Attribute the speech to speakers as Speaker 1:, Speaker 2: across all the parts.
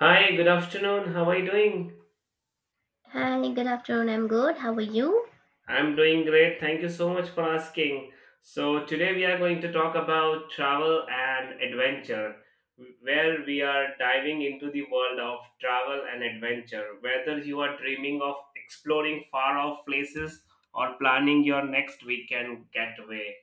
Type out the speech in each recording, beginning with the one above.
Speaker 1: Hi, good afternoon. How are you doing?
Speaker 2: Hi, good afternoon. I'm good. How are you?
Speaker 1: I'm doing great. Thank you so much for asking. So, today we are going to talk about travel and adventure, where we are diving into the world of travel and adventure. Whether you are dreaming of exploring far off places or planning your next weekend getaway,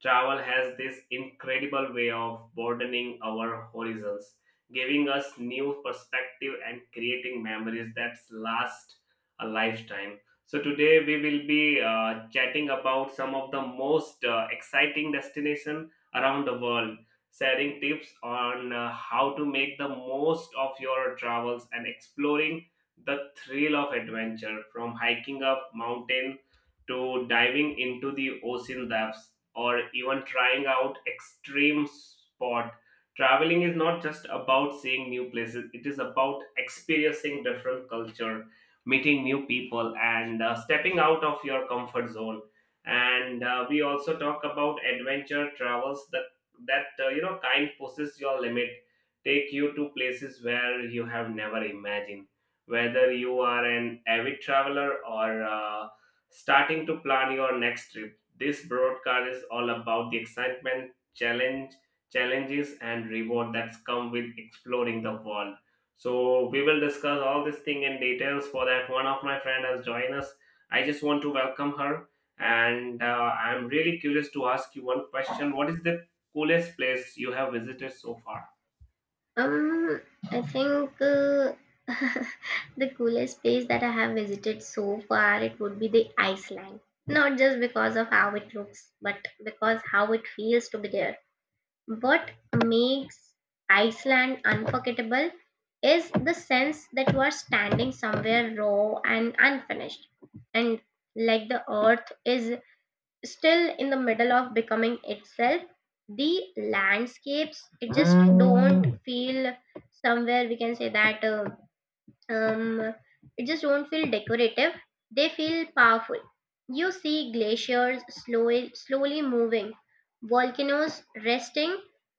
Speaker 1: travel has this incredible way of broadening our horizons, giving us new perspective and creating memories that last a lifetime. So, today we will be chatting about some of the most exciting destination around the world, sharing tips on how to make the most of your travels and exploring the thrill of adventure, from hiking up mountain to diving into the ocean depths, or even trying out extreme sport. Traveling is not just about seeing new places, it is about experiencing different culture, meeting new people and stepping out of your comfort zone. And we also talk about adventure travels that that kind pushes your limit, take you to places where you have never imagined. Whether you are an avid traveler or starting to plan your next trip, this broadcast is all about the excitement, challenges and reward that's come with exploring the world. So we will discuss all this thing in details. For that, one of my friend has joined us. I just want to welcome her, and I'm really curious to ask you one question. What is the coolest place you have visited so far?
Speaker 2: Um, I think the coolest place that I have visited so far it would be the Iceland. Not just because of how it looks, but because how it feels to be there. What makes Iceland unforgettable is the sense that you are standing somewhere raw and unfinished, and like the earth is still in the middle of becoming itself the landscapes it just don't feel somewhere we can say that um, it just won't feel decorative. They feel powerful. You see glaciers slowly, slowly moving, volcanoes resting,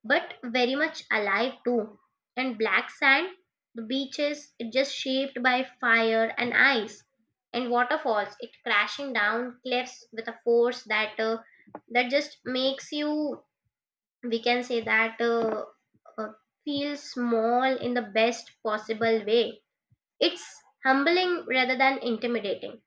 Speaker 2: but very much alive too. And black sand, the beaches, it just shaped by fire and ice, and waterfalls, it crashing down cliffs with a force that that just makes you, we can say that, uh, feel small in the best possible way. It's humbling rather than intimidating.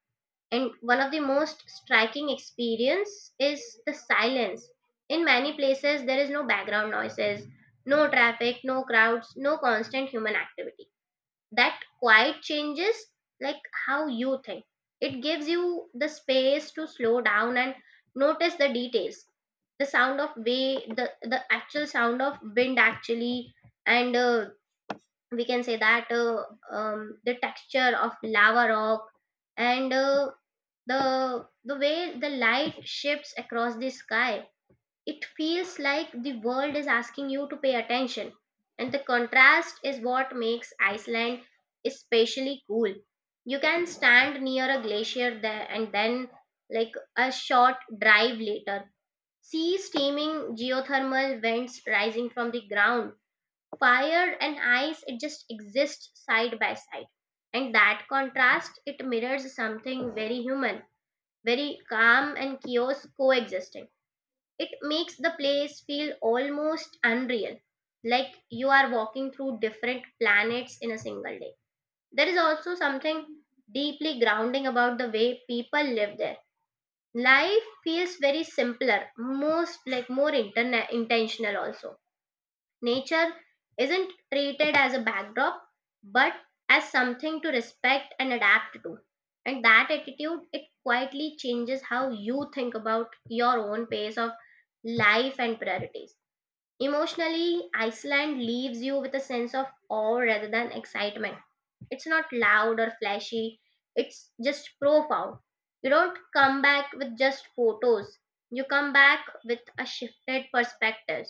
Speaker 2: And one of the most striking experience is the silence. In many places there is no background noises, no traffic, no crowds, no constant human activity. That quiet changes like how you think. It gives you the space to slow down and notice the details the sound of way the actual sound of wind actually and we can say that the texture of lava rock and the way the light shifts across the sky. It feels like the world is asking you to pay attention, and the contrast is what makes Iceland especially cool. You can stand near a glacier there and then like a short drive later see steaming geothermal vents rising from the ground. Fire and ice, it just exists side by side. And that contrast, it mirrors something very human, very calm and chaos coexisting. It makes the place feel almost unreal, like you are walking through different planets in a single day. There is also something deeply grounding about the way people live there. Life feels very simpler, most like more intentional also. Nature isn't treated as a backdrop but as something to respect and adapt to. And that attitude it quietly changes how you think about your own pace of life and priorities. Emotionally, Iceland leaves you with a sense of awe rather than excitement. It's not loud or flashy, it's just profound. You don't come back with just photos, you come back with a shifted perspective.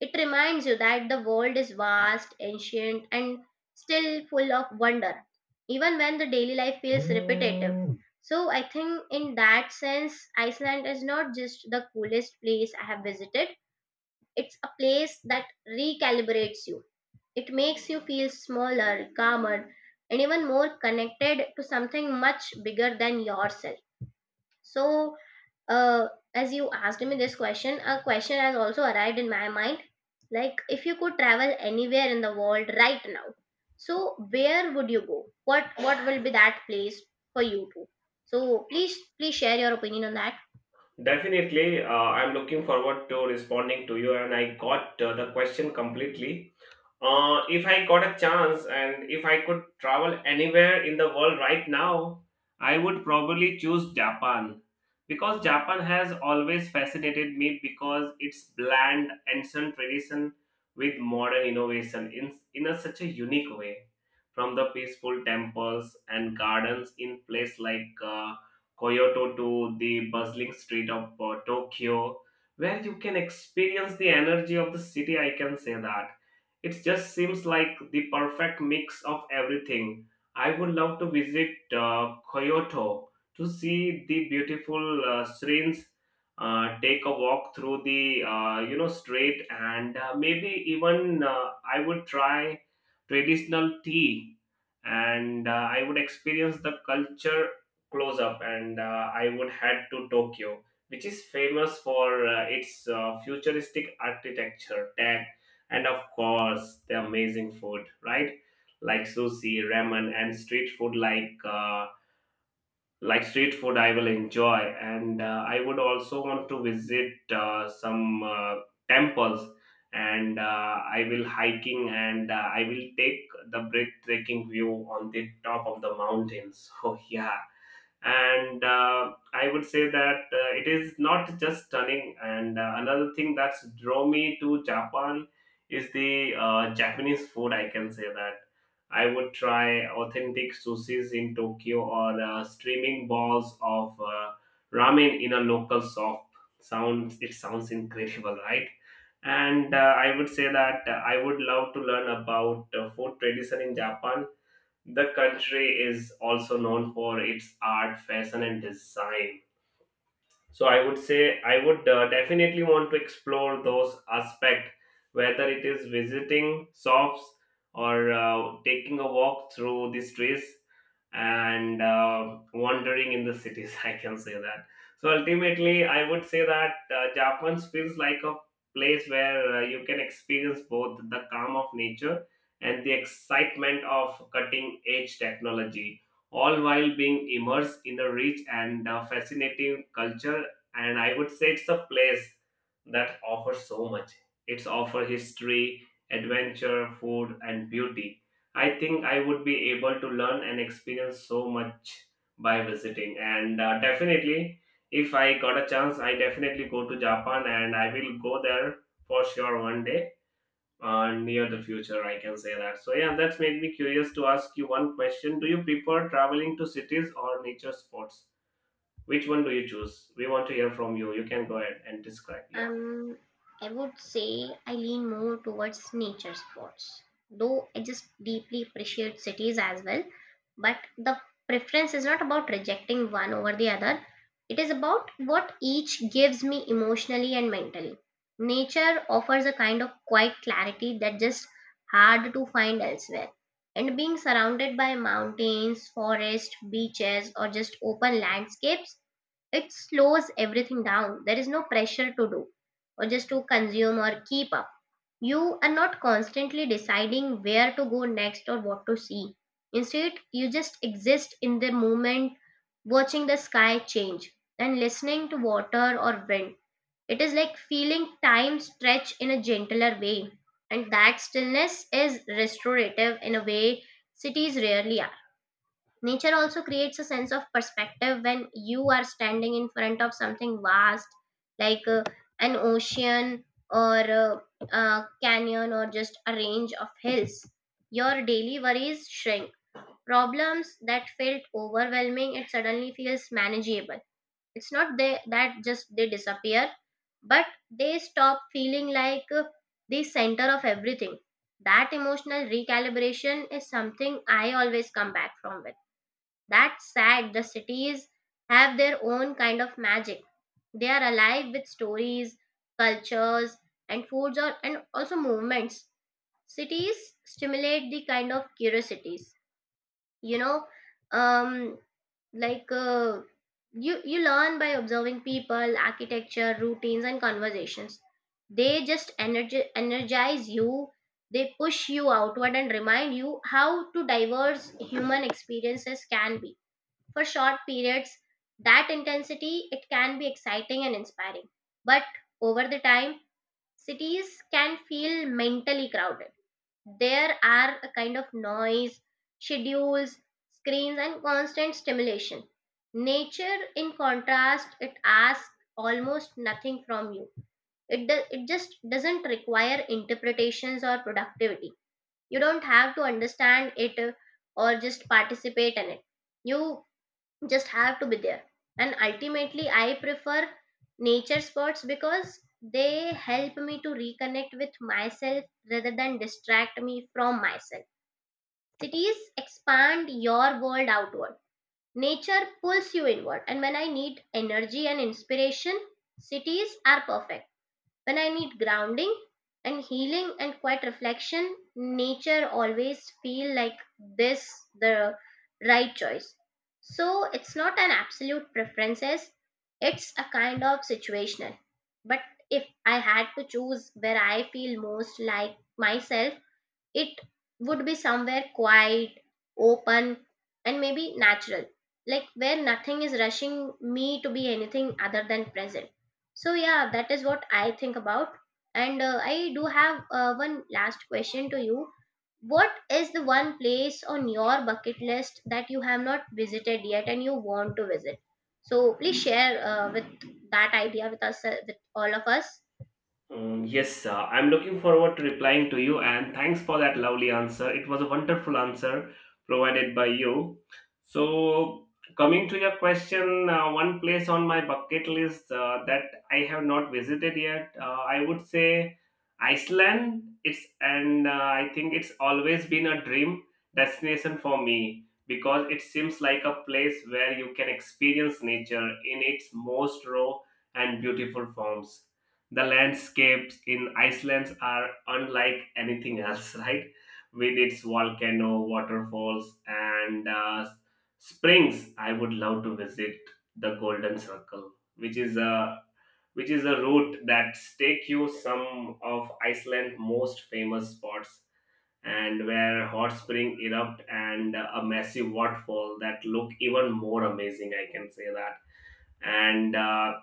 Speaker 2: It reminds you that the world is vast, ancient, and still full of wonder, even when the daily life feels repetitive. So, I think in that sense, Iceland is not just the coolest place I have visited, it's a place that recalibrates you. It makes you feel smaller, calmer, and even more connected to something much bigger than yourself. So, uh, as you asked me this question, a question has also arrived in my mind. Like, if you could travel anywhere in the world right now, so where would you go? What will be that place for you to? So please share your opinion on that.
Speaker 1: Definitely, I'm looking forward to responding to you, and I got the question completely. If I got a chance and if I could travel anywhere in the world right now, I would probably choose Japan, because Japan has always fascinated me because it's bland ancient tradition with modern innovation in such a unique way. From the peaceful temples and gardens in place like Kyoto, to the bustling street of Tokyo, where you can experience the energy of the city, I can say that it just seems like the perfect mix of everything. I would love to visit Kyoto to see the beautiful shrines, take a walk through the street, and maybe even I would try traditional tea, and I would experience the culture close up. And I would head to Tokyo, which is famous for its futuristic architecture, tech, and of course the amazing food, right? Like sushi, ramen, and street food like. Like street food I will enjoy. And I would also want to visit some temples, and I will hiking, and I will take the breathtaking view on the top of the mountains so yeah. And I would say that it is not just stunning. And another thing that's draw me to Japan is the Japanese food, I can say that. I would try authentic sushis in Tokyo, or streaming balls of ramen in a local shop. Sounds it sounds incredible, right? And I would say that I would love to learn about food tradition in Japan. The country is also known for its art, fashion, and design. So I would say I would definitely want to explore those aspects, whether it is visiting shops or taking a walk through the streets and wandering in the cities I can say that. So ultimately I would say that Japan feels like a place where you can experience both the calm of nature and the excitement of cutting edge technology, all while being immersed in a rich and fascinating culture. And I would say it's a place that offers so much. It's offer history, adventure, food and beauty. I think I would be able to learn and experience so much by visiting. And definitely, if I got a chance, I definitely go to Japan, and I will go there for sure one day, near the future, I can say that. So yeah, that's made me curious to ask you one question. Do you prefer traveling to cities or nature spots? Which one do you choose? We want to hear from you. You can go ahead and describe. Yeah.
Speaker 2: Um, I would say I lean more towards nature sports, though I just deeply appreciate cities as well. But the preference is not about rejecting one over the other, it is about what each gives me emotionally and mentally. Nature offers a kind of quiet clarity that just hard to find elsewhere. And being surrounded by mountains, forests, beaches, or just open landscapes it slows everything down. There is no pressure to do or just to consume or keep up. You are not constantly deciding where to go next or what to see. Instead, you just exist in the moment, watching the sky change and listening to water or wind. It is like feeling time stretch in a gentler way. And that stillness is restorative in a way cities rarely are. Nature also creates a sense of perspective when you are standing in front of something vast like an ocean or a canyon or just a range of hills. Your daily worries shrink. Problems that felt overwhelming, it suddenly feels manageable. It's not they, that just they disappear, but they stop feeling like the center of everything. That emotional recalibration is something I always come back from with that's sad. The cities have their own kind of magic. They are alive with stories, cultures, and foods, or, and also movements. Cities stimulate the kind of curiosities. You know, um, like you learn by observing people, architecture, routines, and conversations. They just energize you. They push you outward and remind you how to diverse human experiences can be for short periods. That intensity it can be exciting and inspiring, but over the time cities can feel mentally crowded. There are a kind of noise, schedules, screens and constant stimulation. Nature in contrast it asks almost nothing from you. It just doesn't require interpretations or productivity. You don't have to understand it or just participate in it. You just have to be there. And ultimately I prefer nature spots because they help me to reconnect with myself rather than distract me from myself. Cities expand your world outward, nature pulls you inward. And when I need energy and inspiration, cities are perfect. When I need grounding and healing and quiet reflection, nature always feel like this the right choice. So it's not an absolute preferences, it's a kind of situational. But if I had to choose where I feel most like myself, it would be somewhere quiet, open, and maybe natural, like where nothing is rushing me to be anything other than present. So yeah, that is what I think about. And I do have one last question to you. What is the one place on your bucket list that you have not visited yet and you want to visit? So please share with that idea with us with all of us.
Speaker 1: Mm, yes, I'm looking forward to replying to you, and thanks for that lovely answer. It was a wonderful answer provided by you. So, coming to your question, one place on my bucket list that I have not visited yet, I would say Iceland. It's, and I think it's always been a dream destination for me, because it seems like a place where you can experience nature in its most raw and beautiful forms. The landscapes in Iceland are unlike anything else, right? With its volcano, waterfalls, and springs, I would love to visit the Golden Circle, which is a route that takes you some of Iceland's most famous spots, and where hot spring erupt, and a massive waterfall that look even more amazing, I can say that. And.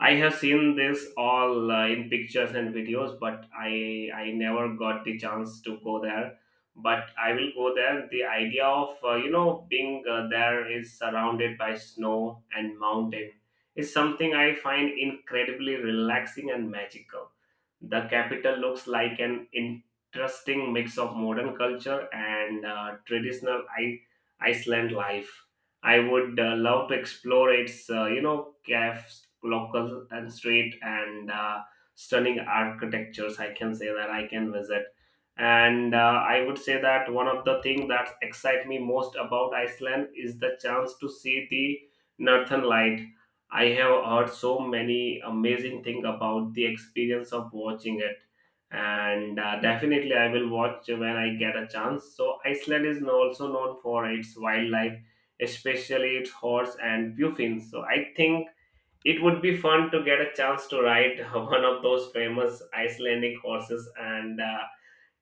Speaker 1: I have seen this all in pictures and videos, but I never got the chance to go there. But I will go there. The idea of being there is surrounded by snow and mountain is something I find incredibly relaxing and magical. The capital looks like an interesting mix of modern culture and traditional Iceland life. I would love to explore its, cafes, local and street, and stunning architectures, I can say that I can visit. And I would say that one of the things that excite me most about Iceland is the chance to see the Northern Light. I have heard so many amazing things about the experience of watching it, and definitely I will watch when I get a chance. So Iceland is also known for its wildlife, especially its horse and puffins. So I think it would be fun to get a chance to ride one of those famous Icelandic horses, and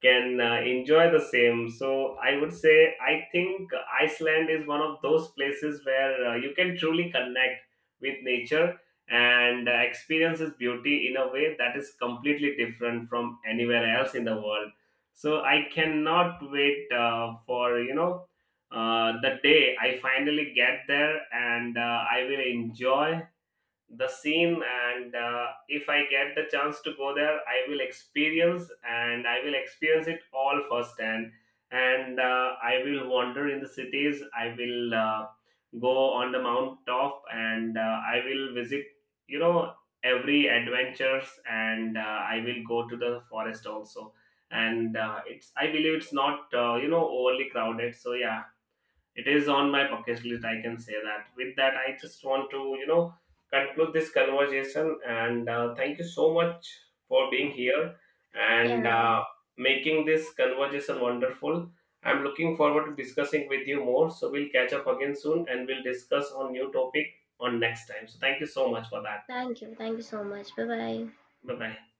Speaker 1: can enjoy the same. So I would say I think Iceland is one of those places where you can truly connect with nature and experience its beauty in a way that is completely different from anywhere else in the world. So I cannot wait for you know. The day I finally get there, and I will enjoy the scene. And if I get the chance to go there, I will experience, and I will experience it all firsthand. And I will wander in the cities, I will go on the mountaintop, and I will visit you know every adventures. And I will go to the forest also. And it's, I believe it's not overly crowded, so yeah, it is on my bucket list, I can say that. With that, I just want to conclude this conversation and thank you so much for being here and
Speaker 2: Yeah,
Speaker 1: making this conversation wonderful. I'm looking forward to discussing with you more, so we'll catch up again soon and we'll discuss on new topic on next time. So thank you so much for that.
Speaker 2: thank you, thank you so much. Bye bye.
Speaker 1: Bye bye.